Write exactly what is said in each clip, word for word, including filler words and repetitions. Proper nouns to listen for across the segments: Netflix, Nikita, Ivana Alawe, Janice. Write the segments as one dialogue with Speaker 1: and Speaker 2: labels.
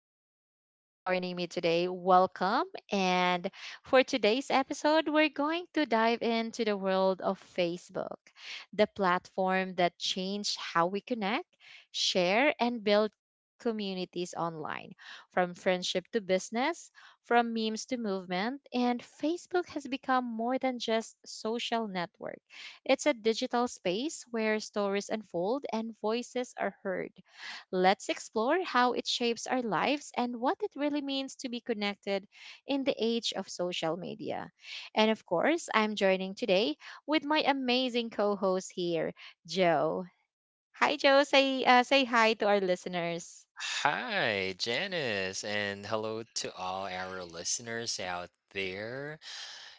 Speaker 1: uh, you know, for joining me today. Welcome. And for today's episode, we're going to dive into the world of Facebook, the platform that changed how we connect, share, and build communities online. From friendship to business, from memes to movement, and Facebook has become more than just social network. It's a digital space where stories unfold and voices are heard. Let's explore how it shapes our lives and what it really means to be connected in the age of social media. And of course, I'm joining today with my amazing co host here, Joe. Hi, Joe. Say, uh, say hi to our listeners.
Speaker 2: Hi, Janice, and hello to all our listeners out there.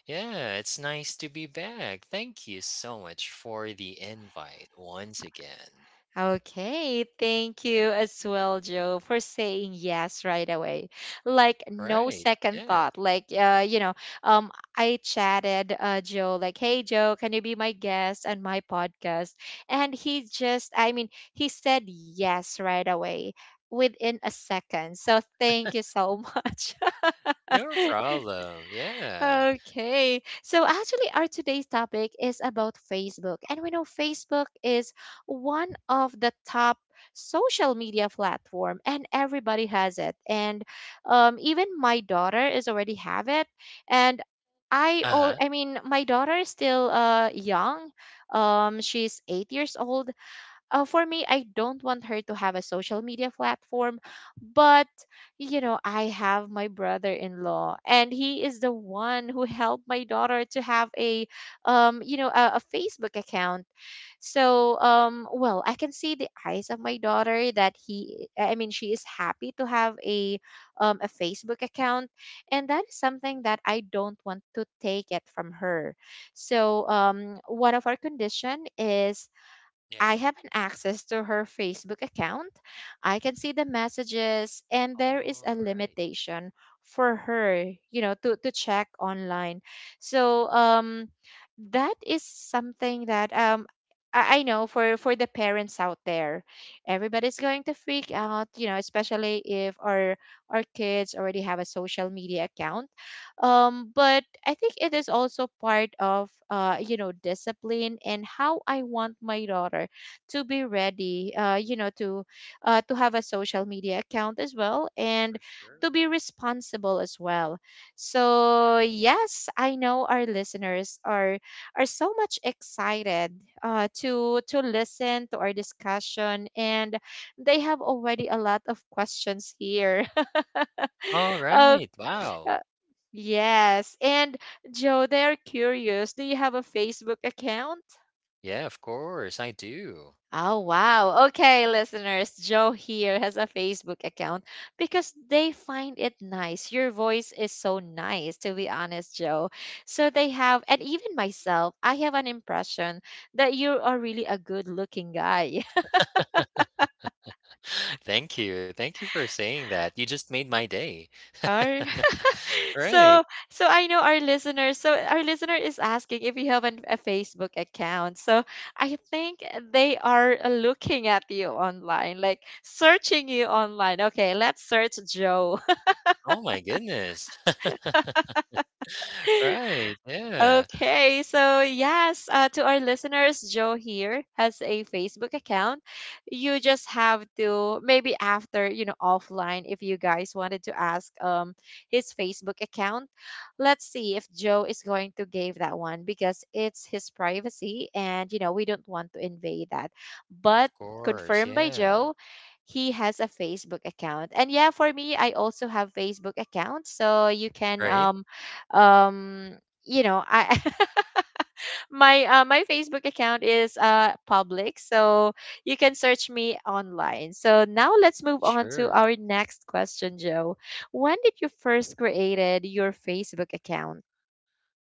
Speaker 2: Yeah, it's nice to be back. Thank you so much for the invite once again.
Speaker 1: Okay, thank you as well, Joe, for saying yes right away. Like no
Speaker 2: Right.
Speaker 1: second
Speaker 2: Yeah.
Speaker 1: thought. Like uh, you know, um, I chatted uh Joe like, "Hey Joe, can you be my guest on my podcast?" And he just, I mean, he said yes right away within a second. So thank you so much.
Speaker 2: No problem. Yeah.
Speaker 1: Okay. So actually, our today's topic is about Facebook. And we know Facebook is one of the top social media platform and everybody has it. And um, even my daughter is already have it. And I
Speaker 2: Uh
Speaker 1: all
Speaker 2: huh.
Speaker 1: I mean, my daughter is still uh young. Um, she's eight years old uh, for me, I don't want her to have a social media platform, but you know, I have my brother-in-law, and he is the one who helped my daughter to have a, um, you know, a, a Facebook account. So, um, well, I can see the eyes of my daughter that he, I mean, she is happy to have a, um, a Facebook account, and that is something that I don't want to take it from her. So, um, one of our condition is I
Speaker 2: Yeah.
Speaker 1: have an access to her Facebook account. I can see the messages and there is a
Speaker 2: All right.
Speaker 1: limitation for her, you know, to, to check online. So um that is something that um I I know for for the parents out there, everybody's going to freak out, you know, especially if our our kids already have a social media account. Um, but I think it is also part of uh, you know discipline and how I want my daughter to be ready uh, you know to uh, to have a social media account as well
Speaker 2: For
Speaker 1: and to
Speaker 2: sure.
Speaker 1: be responsible as well. So yes, I know our listeners are are so much excited uh, to to listen to our discussion and they have already a lot of questions here.
Speaker 2: All
Speaker 1: Okay.
Speaker 2: right. Wow.
Speaker 1: Yes. And Joe, they're curious. Do you have a Facebook account?
Speaker 2: Yeah, of course, I do.
Speaker 1: Oh, wow. Okay, listeners, Joe here has a Facebook account because they find it nice. Your voice is so nice, to be honest, Joe. So they have, and even myself, I have an impression that you are really a good looking guy.
Speaker 2: Thank you. Thank you for saying that. You just made my day.
Speaker 1: Ar-
Speaker 2: right.
Speaker 1: so, so I know our listeners. So our listener is asking if you have an, a Facebook account. So I think they are looking at you online, like searching you online. Okay, let's search Joe.
Speaker 2: Oh my goodness. Right, yeah.
Speaker 1: Okay, so yes, uh, to our listeners, Joe here has a Facebook account. You just have to maybe after you know offline, if you guys wanted to ask um his Facebook account, let's see if Joe is going to give that one because it's his privacy, and you know we don't want to invade that. But
Speaker 2: Of course,
Speaker 1: confirmed by
Speaker 2: yeah.
Speaker 1: Joe, he has a Facebook account, and yeah, for me, I also have Facebook account, so you can
Speaker 2: Right?
Speaker 1: um um you know I my uh, my Facebook account is uh public, so you can search me online. So now let's move on to
Speaker 2: Sure.
Speaker 1: our next question, Joe. When did you first created your Facebook account?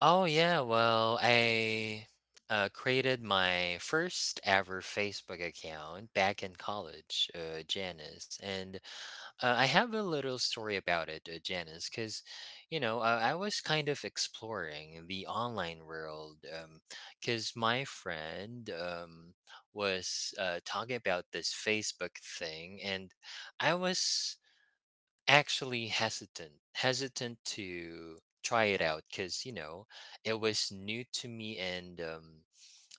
Speaker 2: Oh, yeah, well, I uh, created my first ever Facebook account back in college, uh, Janice. And uh, I have a little story about it, uh, Janice, because, you know, uh, I was kind of exploring the online world because my friend um, was uh, talking about this Facebook thing, and I was actually hesitant hesitant to try it out because you know it was new to me and um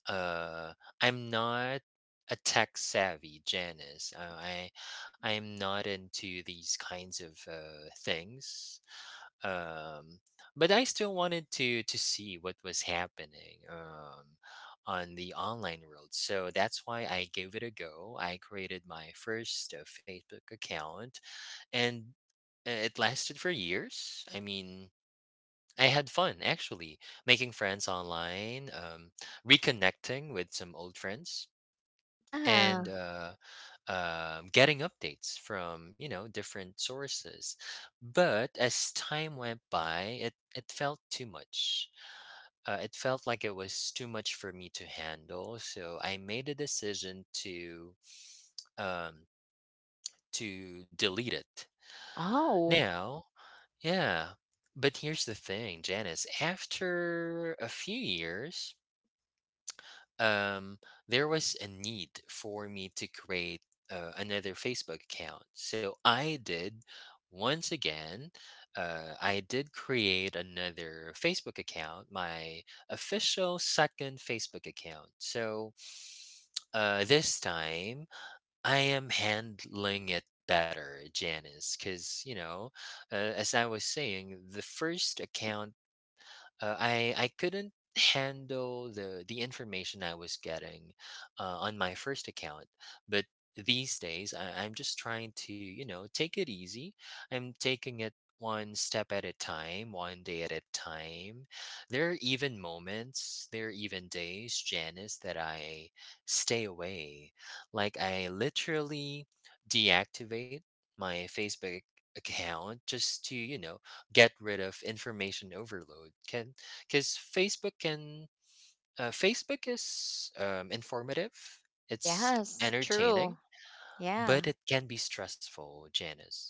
Speaker 2: uh I'm not a tech savvy, Janice. Uh, I I'm not into these kinds of uh, things. Um, but I still wanted to to see what was happening, um, on the online world. So that's why I gave it a go. I created my first uh, Facebook account and uh, it lasted for years. I mean, I had fun actually making friends online, um, reconnecting with some old friends,
Speaker 1: Yeah.
Speaker 2: and uh, um, getting updates from you know different sources. But as time went by, it it felt too much. Uh, it felt like it was too much for me to handle. So I made a decision to um, to delete it.
Speaker 1: Oh,
Speaker 2: Now Yeah. But here's the thing, Janice. After a few years, um, there was a need for me to create uh, another Facebook account. So I did once again. Uh, I did create another Facebook account, my official second Facebook account. So uh, this time, I am handling it better, Janice, because, you know, uh, as I was saying, the first account uh, I I couldn't handle the the information I was getting uh, on my first account, but these days I, I'm just trying to you know take it easy. I'm taking it one step at a time, one day at a time. There are even moments, there are even days, Janice, that I stay away. Like I literally deactivate my Facebook account just to you know get rid of information overload. Can because Facebook can uh, Facebook is um, informative, it's
Speaker 1: yes, true.
Speaker 2: entertaining, but
Speaker 1: Yeah.
Speaker 2: it can be stressful, Janice.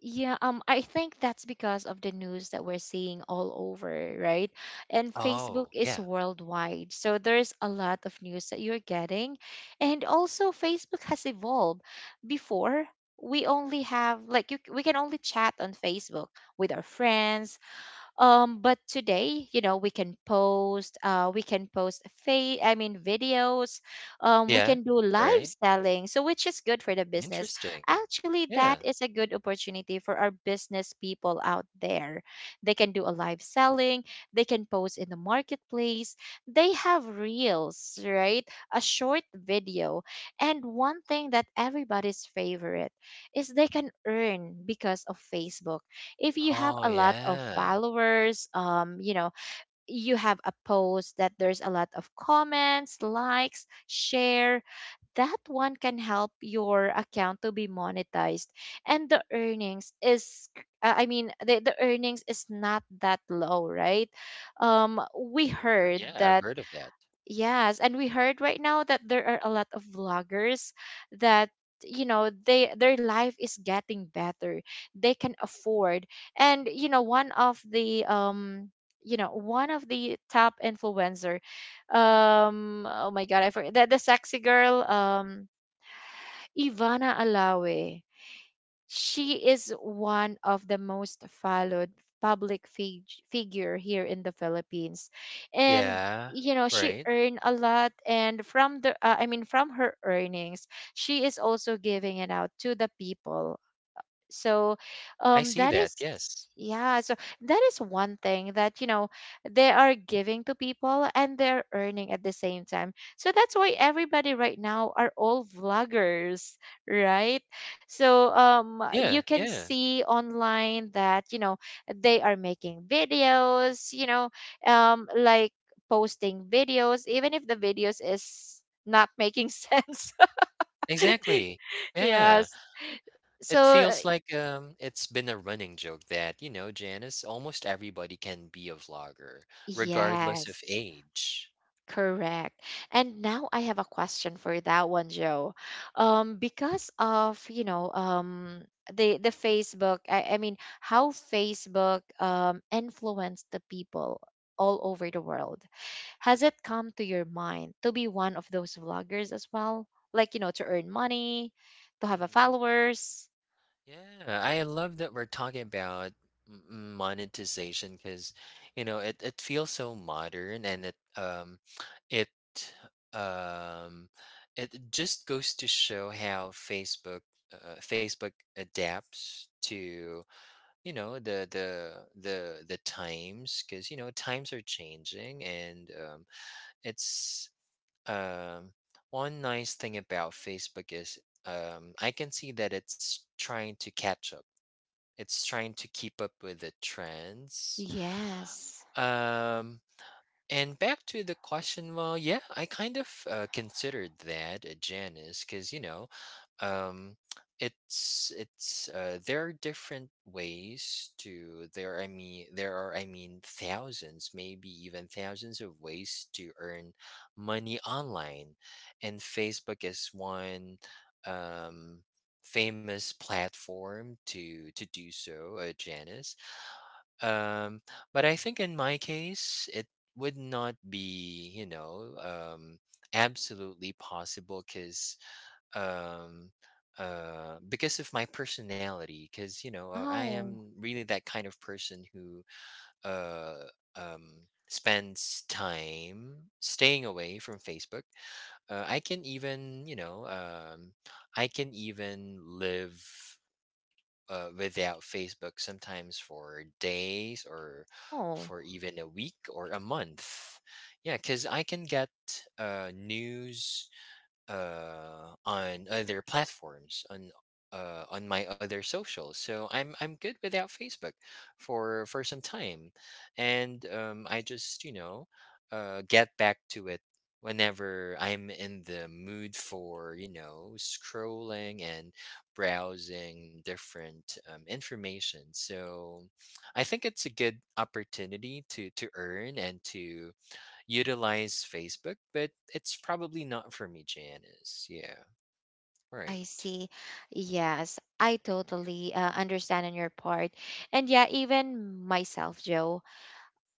Speaker 1: Yeah, um, I think that's because of the news that we're seeing all over, right? And Facebook
Speaker 2: Oh
Speaker 1: is
Speaker 2: yeah,
Speaker 1: worldwide, so there's a lot of news that you're getting. And also, Facebook has evolved. Before, we only have like you, we can only chat on Facebook with our friends, um but today you know we can post uh we can post fa- I mean videos. Um we
Speaker 2: yeah,
Speaker 1: can do live
Speaker 2: right.
Speaker 1: selling, so which is good for the business.
Speaker 2: Interesting.
Speaker 1: Actually that
Speaker 2: Yeah.
Speaker 1: is a good opportunity for our business people out there. They can do a live selling, they can post in the marketplace, they have reels, right, a short video. And one thing that everybody's favorite is they can earn because of Facebook. If you have
Speaker 2: Oh
Speaker 1: a lot of
Speaker 2: yeah.
Speaker 1: followers, um you know you have a post that there's a lot of comments, likes, share, that one can help your account to be monetized. And the earnings is uh, I mean the, the earnings is not that low, right? Um we
Speaker 2: Sure.
Speaker 1: heard
Speaker 2: Yeah, I've
Speaker 1: that.
Speaker 2: heard of that.
Speaker 1: Yes, and we heard right now that there are a lot of vloggers that you know they their life is getting better. They can afford. And you know one of the um You know one of the top influencer, um oh my god, I forget the, the sexy girl, um Ivana Alawe, she is one of the most followed public fig- figure here in the Philippines. And
Speaker 2: Yeah.
Speaker 1: you know, she
Speaker 2: Right.
Speaker 1: earned a lot, and from the uh, I mean from her earnings, she is also giving it out to the people. so
Speaker 2: I
Speaker 1: um
Speaker 2: see
Speaker 1: that
Speaker 2: that.
Speaker 1: is
Speaker 2: Yes.
Speaker 1: yeah so that is one thing that you know they are giving to people and they're earning at the same time, so that's why everybody right now are all vloggers right. So um
Speaker 2: Yeah.
Speaker 1: you can
Speaker 2: Yeah.
Speaker 1: see online that you know they are making videos, you know, um like posting videos even if the videos is not making sense.
Speaker 2: Exactly. Yeah.
Speaker 1: Yes.
Speaker 2: It
Speaker 1: So
Speaker 2: feels like um, it's been a running joke that, you know, Janice, almost everybody can be a vlogger, regardless
Speaker 1: yes.
Speaker 2: of age.
Speaker 1: Correct. And now I have a question for that one, Joe. Um, because of, you know, um, the the Facebook, I, I mean, how Facebook um influenced the people all over the world. Has it come to your mind to be one of those vloggers as well? Like, you know, to earn money, to have a
Speaker 2: Mhm.
Speaker 1: followers?
Speaker 2: Yeah, I love that we're talking about m- m- monetization because, you know, it, it feels so modern and it um it um it just goes to show how Facebook uh, Facebook adapts to you know the the the the times because you know times are changing and, um, it's um, one nice thing about Facebook is, um, I can see that it's trying to catch up, it's trying to keep up with the trends,
Speaker 1: Yes.
Speaker 2: um, and back to the question, well, yeah, I kind of uh, considered that, uh, Janice, because you know, um, it's it's uh, there are different ways to there. I mean, there are I mean thousands, maybe even thousands of ways to earn money online, and Facebook is one um, famous platform to to do so, uh, Janice. Um, but I think in my case, it would not be, you know, um, absolutely possible because um, uh, because of my personality. Because you know, uh, I
Speaker 1: Wow.
Speaker 2: am really that kind of person who uh, um, spends time staying away from Facebook. Uh, I can even, you know, um, I can even live uh, without Facebook sometimes for days or
Speaker 1: Oh.
Speaker 2: for even a week or a month. Yeah, because I can get uh, news uh on other platforms on uh on my other socials so i'm i'm good without Facebook for for some time and um I just you know uh get back to it whenever I'm in the mood for you know scrolling and browsing different, um, information. So I think it's a good opportunity to to earn and to utilize Facebook, but it's probably not for me, Janice. Yeah.
Speaker 1: Oh, I
Speaker 2: Right.
Speaker 1: see. Yes, I totally uh, understand on your part. And yeah, even myself, Joe.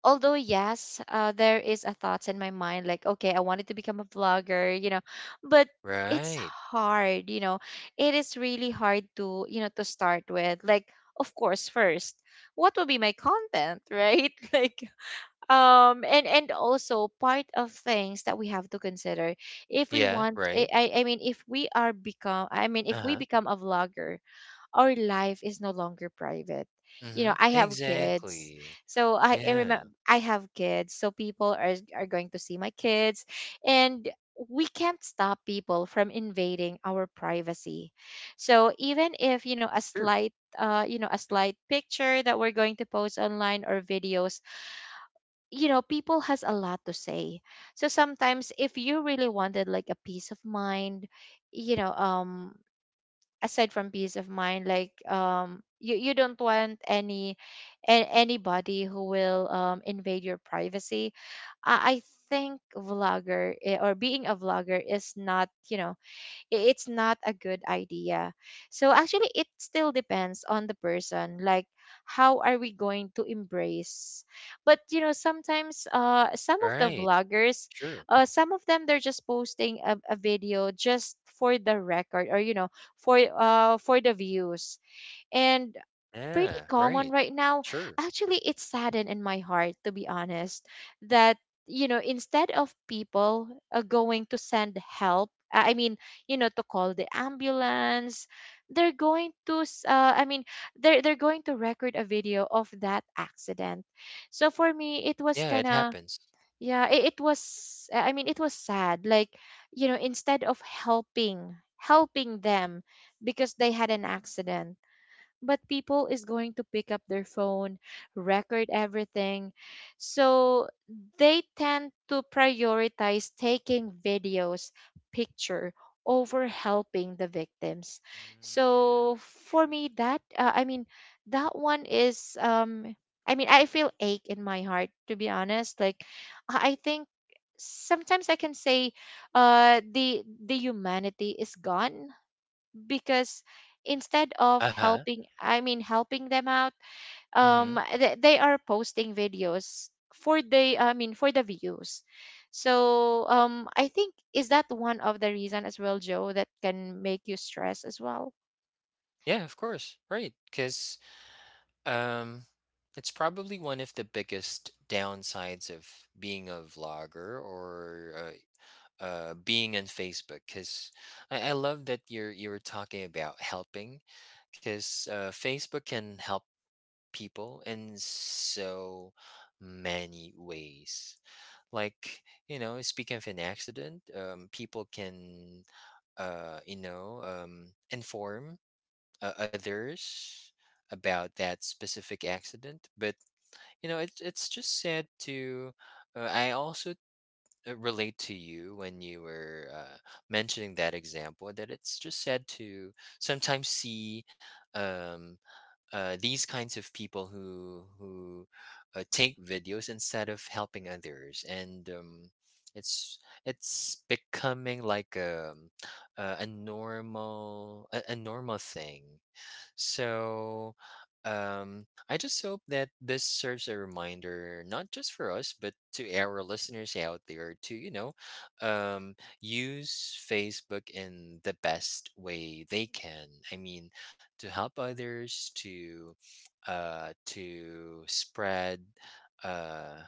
Speaker 1: Although, yes, uh, there is a thoughts in my mind like, okay, I wanted to become a vlogger, you know, but it's
Speaker 2: Right.
Speaker 1: hard, you know. It is really hard to, you know, to start with. Like, of course, first, what will be my content, right? Like, um and and also part of things that we have to consider if we
Speaker 2: Yeah.
Speaker 1: want i
Speaker 2: Right.
Speaker 1: i I mean if we are become, I mean
Speaker 2: Uh
Speaker 1: if we
Speaker 2: huh.
Speaker 1: become a vlogger, our life is no longer private. You
Speaker 2: Mm-hmm.
Speaker 1: know I have kids,
Speaker 2: Exactly.
Speaker 1: so i, I
Speaker 2: Yeah.
Speaker 1: remember I have kids, so people are are going to see my kids. And we can't stop people from invading our privacy. So even if you know a slight uh you know a slight picture that we're going to post online or videos, you know people has a lot to say. So sometimes if you really wanted like a peace of mind, you know um aside from peace of mind, like um you, you don't want any a- anybody who will um, invade your privacy. I, I think vlogger eh, or being a vlogger is not you know i- it's not a good idea. So actually it still depends on the person, like how are we going to embrace. But you know sometimes uh some of the
Speaker 2: Right.
Speaker 1: vloggers,
Speaker 2: Sure.
Speaker 1: uh some of them they're just posting a, a video just for the record or you know for uh for the views. And pretty
Speaker 2: Yeah.
Speaker 1: common
Speaker 2: Right.
Speaker 1: right now.
Speaker 2: Sure.
Speaker 1: Actually, it saddened in my heart, to be honest, that, you know, instead of people uh, going to send help, uh, I mean, you know, to call the ambulance, they're going to, s- uh, I mean, they're, they're going to record a video of that accident. So for me, it was
Speaker 2: Yeah.
Speaker 1: kind
Speaker 2: It
Speaker 1: of,
Speaker 2: happens.
Speaker 1: yeah, it, it was, I mean, it was sad. Like, you know, instead of helping, helping them because they had an accident, but people is going to pick up their phone, record everything. So they tend to prioritize taking videos, picture over helping the victims.
Speaker 2: Mm,
Speaker 1: So
Speaker 2: yeah.
Speaker 1: for
Speaker 2: Sure.
Speaker 1: me that uh, I mean that one is um I mean I feel ache in my heart, to be honest. Like I I think sometimes I can say uh the the humanity is gone, because instead of
Speaker 2: Uh huh.
Speaker 1: helping, I mean helping them out,
Speaker 2: Mm-hmm.
Speaker 1: um they, they are posting videos for the, I mean for the views. So um I think is that one of the reason as well, Joe, that can make you stress as well.
Speaker 2: Yeah. Of course. Right. Because, um, it's probably one of the biggest downsides of being a vlogger or uh, uh being on Facebook, because I, I love that you're you're talking about helping because uh, Facebook can help people in so many ways. Like you know, speaking of an accident, um, people can uh you know um inform uh, others about that specific accident, but you know it's it's just sad to uh, I also uh, relate to you when you were uh, mentioning that example, that it's just sad to sometimes see, um, uh, these kinds of people who who uh, take videos instead of helping others and, um, it's it's becoming like a, a, a normal a, a normal thing. So um, I just hope that this serves a reminder, not just for us, but to our listeners out there, to you know, um, use Facebook in the best way they can. I mean, to help others, to uh, to spread uh,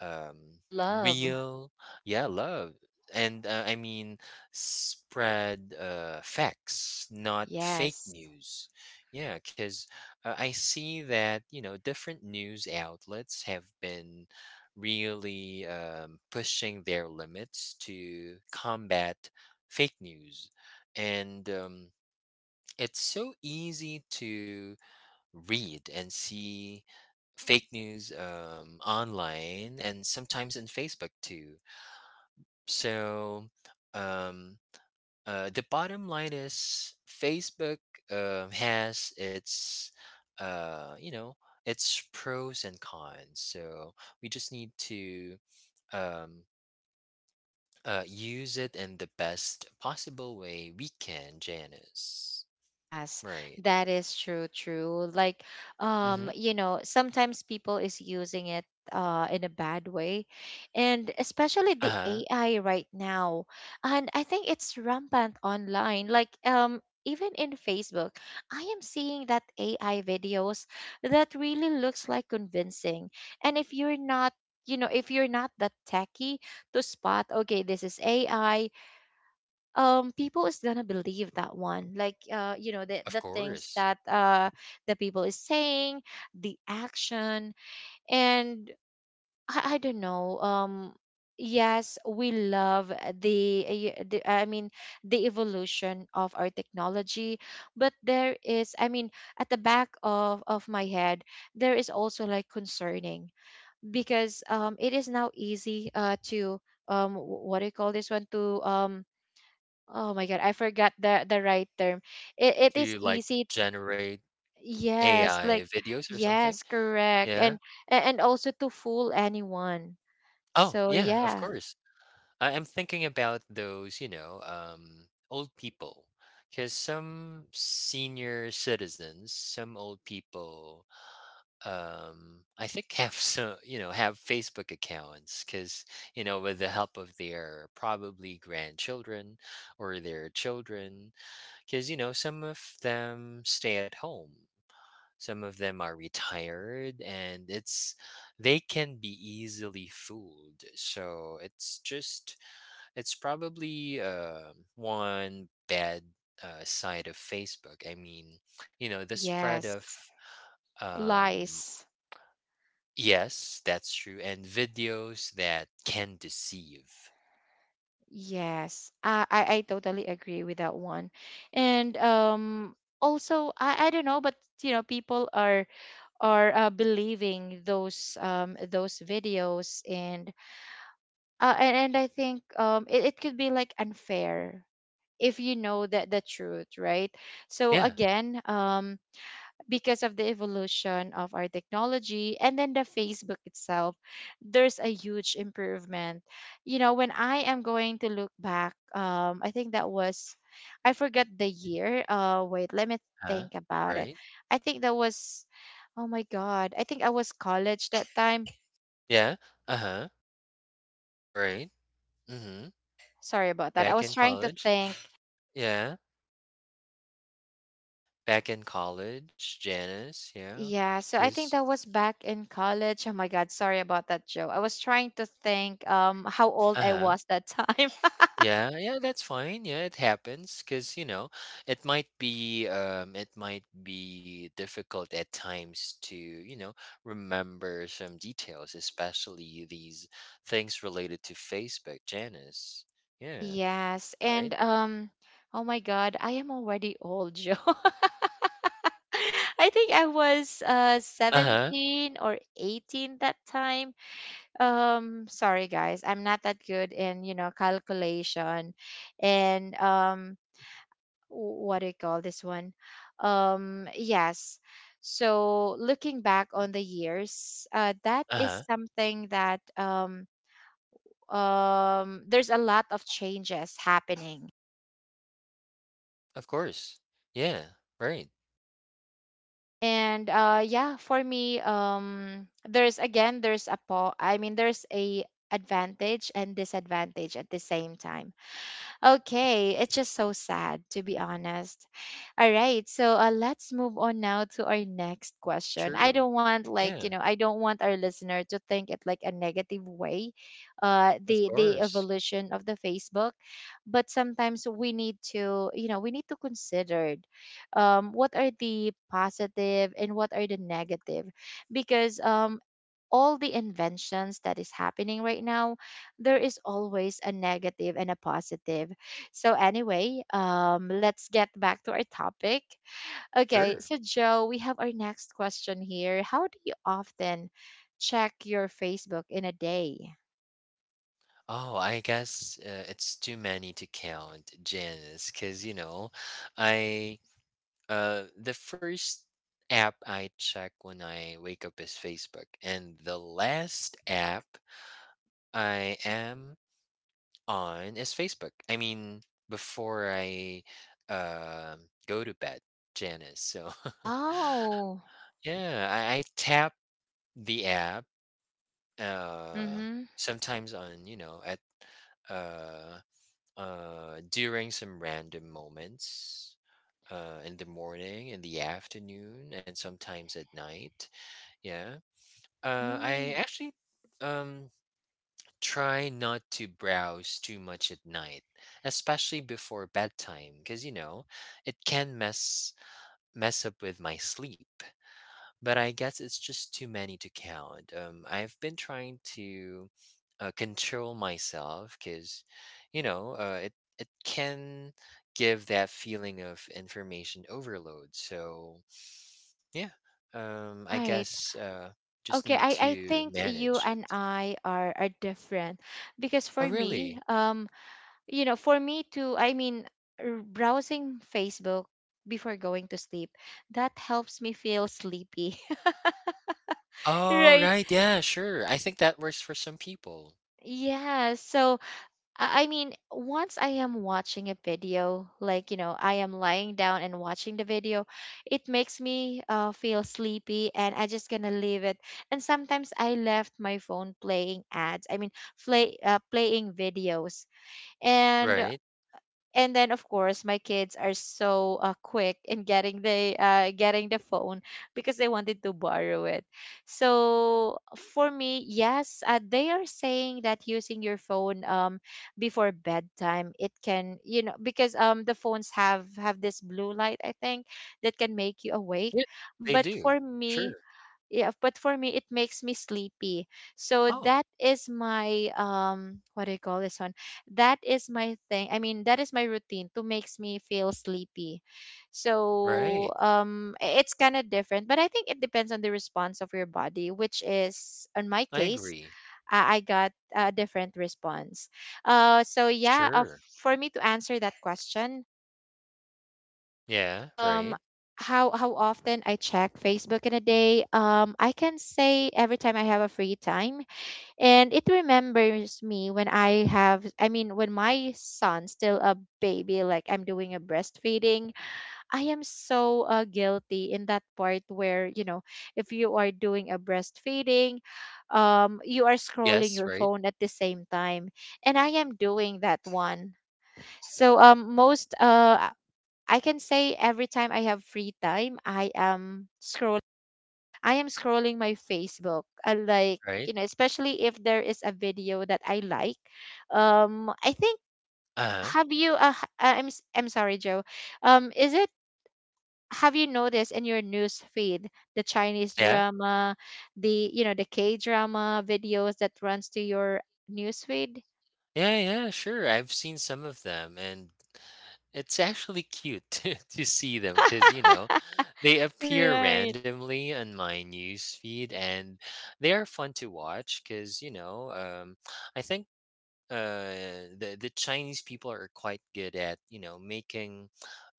Speaker 2: um,
Speaker 1: Love.
Speaker 2: real, yeah, love. And uh, I mean, spread uh, facts, not fake
Speaker 1: Yes.
Speaker 2: news. Yeah, because uh, I see that, you know, different news outlets have been really, um, pushing their limits to combat fake news. And, um, it's so easy to read and see fake news, um, online and sometimes in Facebook too. So, um, uh, the bottom line is Facebook um has its, uh, you know, its pros and cons. So we just need to, um, uh, use it in the best possible way we can, Janice.
Speaker 1: Yes,
Speaker 2: Right.
Speaker 1: that is true, true. Like,
Speaker 2: Mm-hmm.
Speaker 1: um, you know, sometimes people is using it uh in a bad way. And especially
Speaker 2: Uh
Speaker 1: the
Speaker 2: huh.
Speaker 1: A I right now. And I think it's rampant online. Like, um, even in Facebook, I am seeing that A I videos that really looks like convincing. And if you're not you know if you're not that techie to spot okay this is ai, um people is gonna believe that one like uh you know the
Speaker 2: Of
Speaker 1: the things
Speaker 2: course.
Speaker 1: that uh the people is saying, the action. And i, I don't know. Um yes, we love the, uh, y- the I mean the evolution of our technology, but there is, i mean at the back of of my head there is also like concerning, because um it is now easy uh to um wh- what do you call this one, to um. Oh my God, I forgot the the right term. It it
Speaker 2: To,
Speaker 1: is
Speaker 2: like,
Speaker 1: easy.
Speaker 2: generate
Speaker 1: Yes,
Speaker 2: A I
Speaker 1: like
Speaker 2: videos or something?
Speaker 1: yes, correct.
Speaker 2: Yeah.
Speaker 1: And a- and also to fool anyone.
Speaker 2: Oh,
Speaker 1: So
Speaker 2: yeah, of
Speaker 1: yeah.
Speaker 2: course. I am thinking about those, you know, um, old people, because some senior citizens, some old people, um, I think have some, you know, have Facebook accounts, because you know, with the help of their probably grandchildren or their children, because you know, some of them stay at home. Some of them are retired and it's they can be easily fooled. So it's just it's probably uh, one bad uh, side of Facebook. I mean, you know, the spread of
Speaker 1: Yes.
Speaker 2: um
Speaker 1: Lies.
Speaker 2: yes, that's true, and videos that can deceive.
Speaker 1: Yes. I I, I totally agree with that one. And um, also I, I don't know, but you know, people are are uh, believing those um those videos. And Uh, and, and I think um, it, it could be like unfair if you know that the truth, right? So
Speaker 2: Yeah.
Speaker 1: again, um, because of the evolution of our technology, and then the Facebook itself, there's a huge improvement. You know, when I am going to look back, um, I think that was, I forgot the year. Uh, wait, let me
Speaker 2: Huh?
Speaker 1: think about it.
Speaker 2: Right?
Speaker 1: I think that was, oh my god, I think I was college that time.
Speaker 2: Yeah. Uh-huh. Right. Mhm.
Speaker 1: Sorry about that, I
Speaker 2: Back
Speaker 1: was
Speaker 2: in
Speaker 1: trying to
Speaker 2: college.
Speaker 1: think.
Speaker 2: Yeah. Back in college, Janice, yeah,
Speaker 1: Yeah, so
Speaker 2: because
Speaker 1: I
Speaker 2: 'cause
Speaker 1: think that was back in college. Oh my God, sorry about that, Joe. I was trying to think um how old I
Speaker 2: uh-huh.
Speaker 1: was that time.
Speaker 2: Yeah, yeah, that's fine. Yeah, it happens, cause you know, it might be um it might be difficult at times to, you know, remember some details, especially these things related to Facebook, Janice. Yeah,
Speaker 1: Yes, and
Speaker 2: right?
Speaker 1: um oh my God, I am already old, Joe. I think I was uh
Speaker 2: Uh-huh.
Speaker 1: seventeen or eighteen that time. Um, sorry guys, I'm not that good in, you know, calculation. And um, what do you call this one? Um, yes. So looking back on the years, uh, that is
Speaker 2: Uh-huh.
Speaker 1: something that um, um, there's a lot of changes happening.
Speaker 2: Of course. Yeah, right.
Speaker 1: And uh, yeah, for me, um, there's again, there's a po- I mean, there's a advantage and disadvantage at the same time. Okay, it's just so sad to be honest. All right, so uh, let's move on now to our next question. I
Speaker 2: True.
Speaker 1: don't want, like, you
Speaker 2: Yeah,
Speaker 1: know, I don't want our listener to think it like a negative way, uh,
Speaker 2: of
Speaker 1: the the
Speaker 2: course.
Speaker 1: evolution of the Facebook, but sometimes we need to, you know, we need to consider um what are the positive and what are the negative, because um all the inventions that is happening right now, there is always a negative and a positive. So, anyway, um, let's get back to our topic. Okay,
Speaker 2: Sure.
Speaker 1: so Joe, we have our next question here. How do you often check your Facebook in a day?
Speaker 2: Oh, I guess uh, it's too many to count, Janice, because you know, I uh the first app I check when I wake up is Facebook, and the last app I am on is Facebook. I mean, before I um go to bed, Janice. So
Speaker 1: Oh,
Speaker 2: yeah, I, I tap the app uh
Speaker 1: mm-hmm.
Speaker 2: sometimes on, you know, at uh uh, during some random moments uh, in the morning, in the afternoon, and sometimes at night. Yeah. Uh, I
Speaker 1: Mm,
Speaker 2: actually, um, try not to browse too much at night, especially before bedtime, because, you know, it can mess mess up with my sleep. But I guess it's just too many to count. Um, I've been trying to uh, control myself because, you know, uh, it it can give that feeling of information overload. So yeah, um, I
Speaker 1: right.
Speaker 2: guess uh, just
Speaker 1: Okay,
Speaker 2: need
Speaker 1: I, I
Speaker 2: to
Speaker 1: think you
Speaker 2: manage
Speaker 1: and
Speaker 2: it.
Speaker 1: I are are different because for
Speaker 2: Oh
Speaker 1: me,
Speaker 2: really?
Speaker 1: um, you know, for me to, I mean, r- browsing Facebook before going to sleep, that helps me feel sleepy.
Speaker 2: Oh
Speaker 1: Right.
Speaker 2: right, yeah, sure. I think that works for some people,
Speaker 1: Yeah. So, I I mean, once I am watching a video, like, you know, I am lying down and watching the video, it makes me uh, feel sleepy and I just gonna leave it. And sometimes I left my phone playing ads, I mean, play, uh, playing videos. And
Speaker 2: right?
Speaker 1: and then of course my kids are so uh, quick in getting the uh, getting the phone, because they wanted to borrow it. So for me, yes, uh, they are saying that using your phone um before bedtime, it can, you know, because um the phones have have this blue light, I think, that can make you awake.
Speaker 2: Yeah, they
Speaker 1: But
Speaker 2: do.
Speaker 1: for
Speaker 2: Sure.
Speaker 1: me, yeah, but for me it makes me sleepy. So
Speaker 2: Oh,
Speaker 1: that is my um, what do you call this one, that is my thing, I mean, that is my routine to makes me feel sleepy.
Speaker 2: right.
Speaker 1: So um, i- it's kind of different, but I think it depends on the response of your body, which is in my
Speaker 2: I
Speaker 1: case,
Speaker 2: agree.
Speaker 1: i, I got a different response. Uh, so yeah, uh,
Speaker 2: Sure.
Speaker 1: for me to answer that question
Speaker 2: Yeah,
Speaker 1: um
Speaker 2: right.
Speaker 1: how how often I check Facebook in a day. Um, I can say every time I have a free time. And it remembers me when I have, I mean, when my son's still a baby, like I'm doing a breastfeeding. I am so uh, guilty in that part where, you know, if you are doing a breastfeeding um you are scrolling
Speaker 2: Yes,
Speaker 1: your
Speaker 2: right,
Speaker 1: phone at the same time, and I am doing that one. So um, most uh, I can say every time I have free time, I am scroll I am scrolling my Facebook. I like, you
Speaker 2: right.
Speaker 1: know, especially if there is a video that I like. Um, I think
Speaker 2: Uh-huh.
Speaker 1: have you uh, h- uh, I'm s- I'm sorry, Joe. Um, is it have you noticed in your news feed the Chinese
Speaker 2: Yeah.
Speaker 1: drama, the, you know, the K drama videos that runs to your news feed?
Speaker 2: Yeah, yeah, sure. I've seen some of them and it's actually cute to to see them because you know, they appear
Speaker 1: Right.
Speaker 2: randomly on my news feed and they are fun to watch because you know, um, I think uh the the Chinese people are quite good at you know making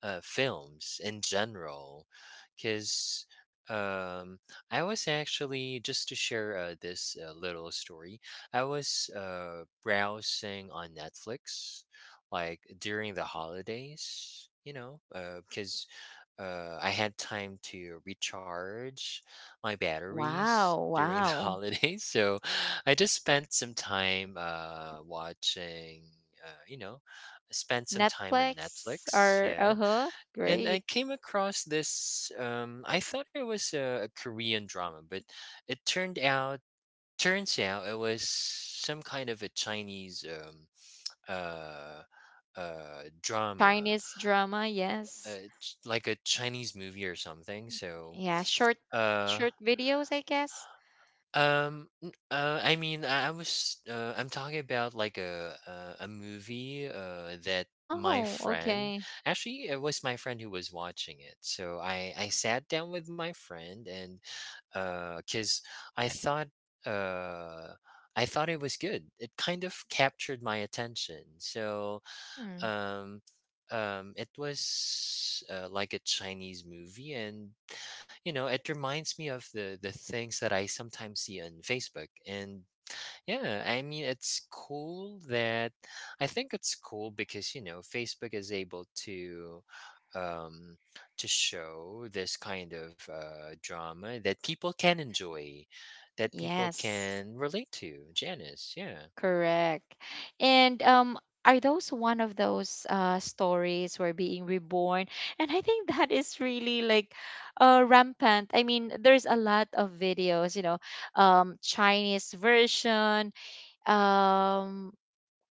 Speaker 2: uh films in general because um I was actually just to share, uh, this uh, little story. I was uh browsing on Netflix like during the holidays you know uh because uh I had time to recharge my batteries
Speaker 1: Wow,
Speaker 2: during the
Speaker 1: wow.
Speaker 2: holidays. So I just spent some time uh, watching, uh, you know, I spent some time on
Speaker 1: Netflix
Speaker 2: Netflix.
Speaker 1: or
Speaker 2: Yeah.
Speaker 1: uh-huh,
Speaker 2: And I
Speaker 1: great.
Speaker 2: came across this, um, I thought it was a, a Korean drama, but it turned out, turns out it was some kind of a Chinese, um, uh, uh, drama,
Speaker 1: Chinese drama, yes.
Speaker 2: uh, ch- like a Chinese movie or something. So,
Speaker 1: Yeah, short
Speaker 2: uh
Speaker 1: short videos, I guess.
Speaker 2: Um, n- uh, I mean, I, I was, uh, I'm talking about like a a, a movie uh, that my
Speaker 1: Oh,
Speaker 2: friend
Speaker 1: okay.
Speaker 2: actually it was my friend who was watching it. So I I sat down with my friend and uh, cause I thought uh. I thought it was good. It kind of captured my attention. So,
Speaker 1: Hmm.
Speaker 2: um, um, it was uh, like a Chinese movie, and you know it reminds me of the the things that I sometimes see on Facebook, and yeah I mean it's cool that I think it's cool because you know Facebook is able to um to show this kind of uh drama that people can enjoy, that people
Speaker 1: Yes,
Speaker 2: can relate to, Janice. Yeah.
Speaker 1: correct. And um, are those one of those uh stories where being reborn? And I think that is really like uh rampant. I mean, there's a lot of videos, you know, um Chinese version, um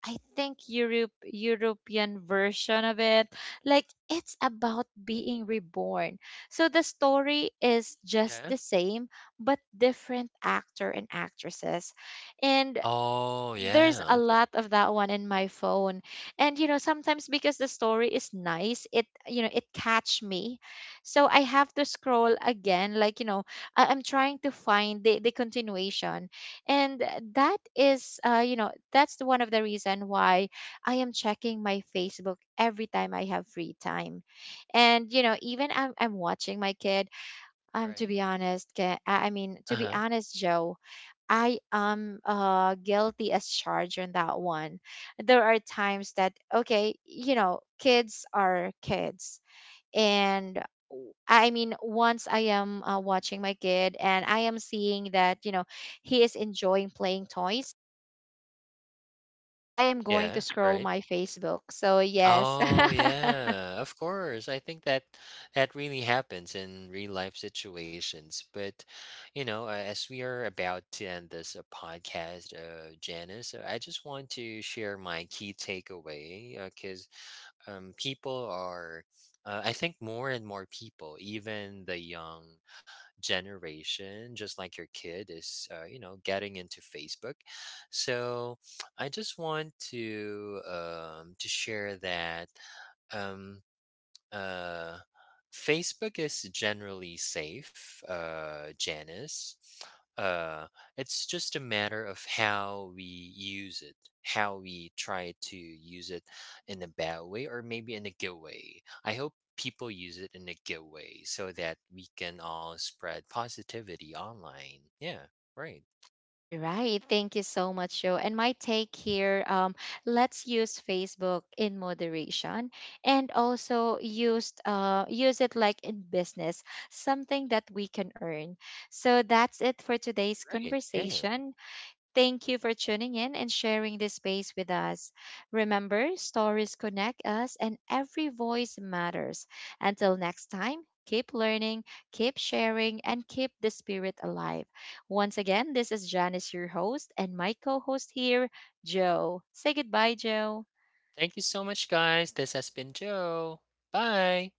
Speaker 1: I think Europe European version of it. Like it's about being reborn. So the story is just
Speaker 2: Yeah.
Speaker 1: the same, but different actor and actresses. And
Speaker 2: Oh
Speaker 1: there's
Speaker 2: yeah,
Speaker 1: a
Speaker 2: okay.
Speaker 1: lot of that one in my phone. And you know sometimes because the story is nice, it, you know, it catch me, so I have to scroll again, like, you know, I- I'm trying to find the, the continuation. And that is uh, you know, that's the one of the reason why I am checking my Facebook every time I have free time. And you know even i'm, I'm watching my kid, um, to
Speaker 2: Right.
Speaker 1: be honest, Ke- i I mean to be
Speaker 2: Uh-huh.
Speaker 1: honest, Joe, I am uh, guilty as charged on that one. There are times that, okay, you know, kids are kids. And I mean, once I am uh, watching my kid and I am seeing that, you know, he is enjoying playing toys, I am going to
Speaker 2: Yeah.
Speaker 1: scroll
Speaker 2: Right.
Speaker 1: my Facebook. So, yes.
Speaker 2: Oh yeah, of course. I think that that really happens in real life situations. But you know, uh, as we are about to end this uh, podcast, uh, Janice, uh, I just want to share my key takeaway, because um, people are, uh, I think, more and more people, even the young generation, just like your kid, is uh, you know getting into Facebook. So I just want to, um, to share that um uh Facebook is generally safe, uh Janice. uh it's just a matter of how we use it, how we try to use it, in a bad way or maybe in a good way. I hope people use it in a good way so that we can all spread positivity online. Yeah, right,
Speaker 1: All right. Thank you so much, Joe. And my take here um, let's use Facebook in moderation, and also use, uh, use it like in business, something that we can earn. So that's it for today's
Speaker 2: right, yeah.
Speaker 1: conversation. Thank you for tuning in and sharing this space with us. Remember, stories connect us, and every voice matters. Until next time, keep learning, keep sharing, and keep the spirit alive. Once again, this is Janice, your host, and my co host here, Joe. Say goodbye, Joe.
Speaker 2: Thank you so much guys. This has been Joe. Bye.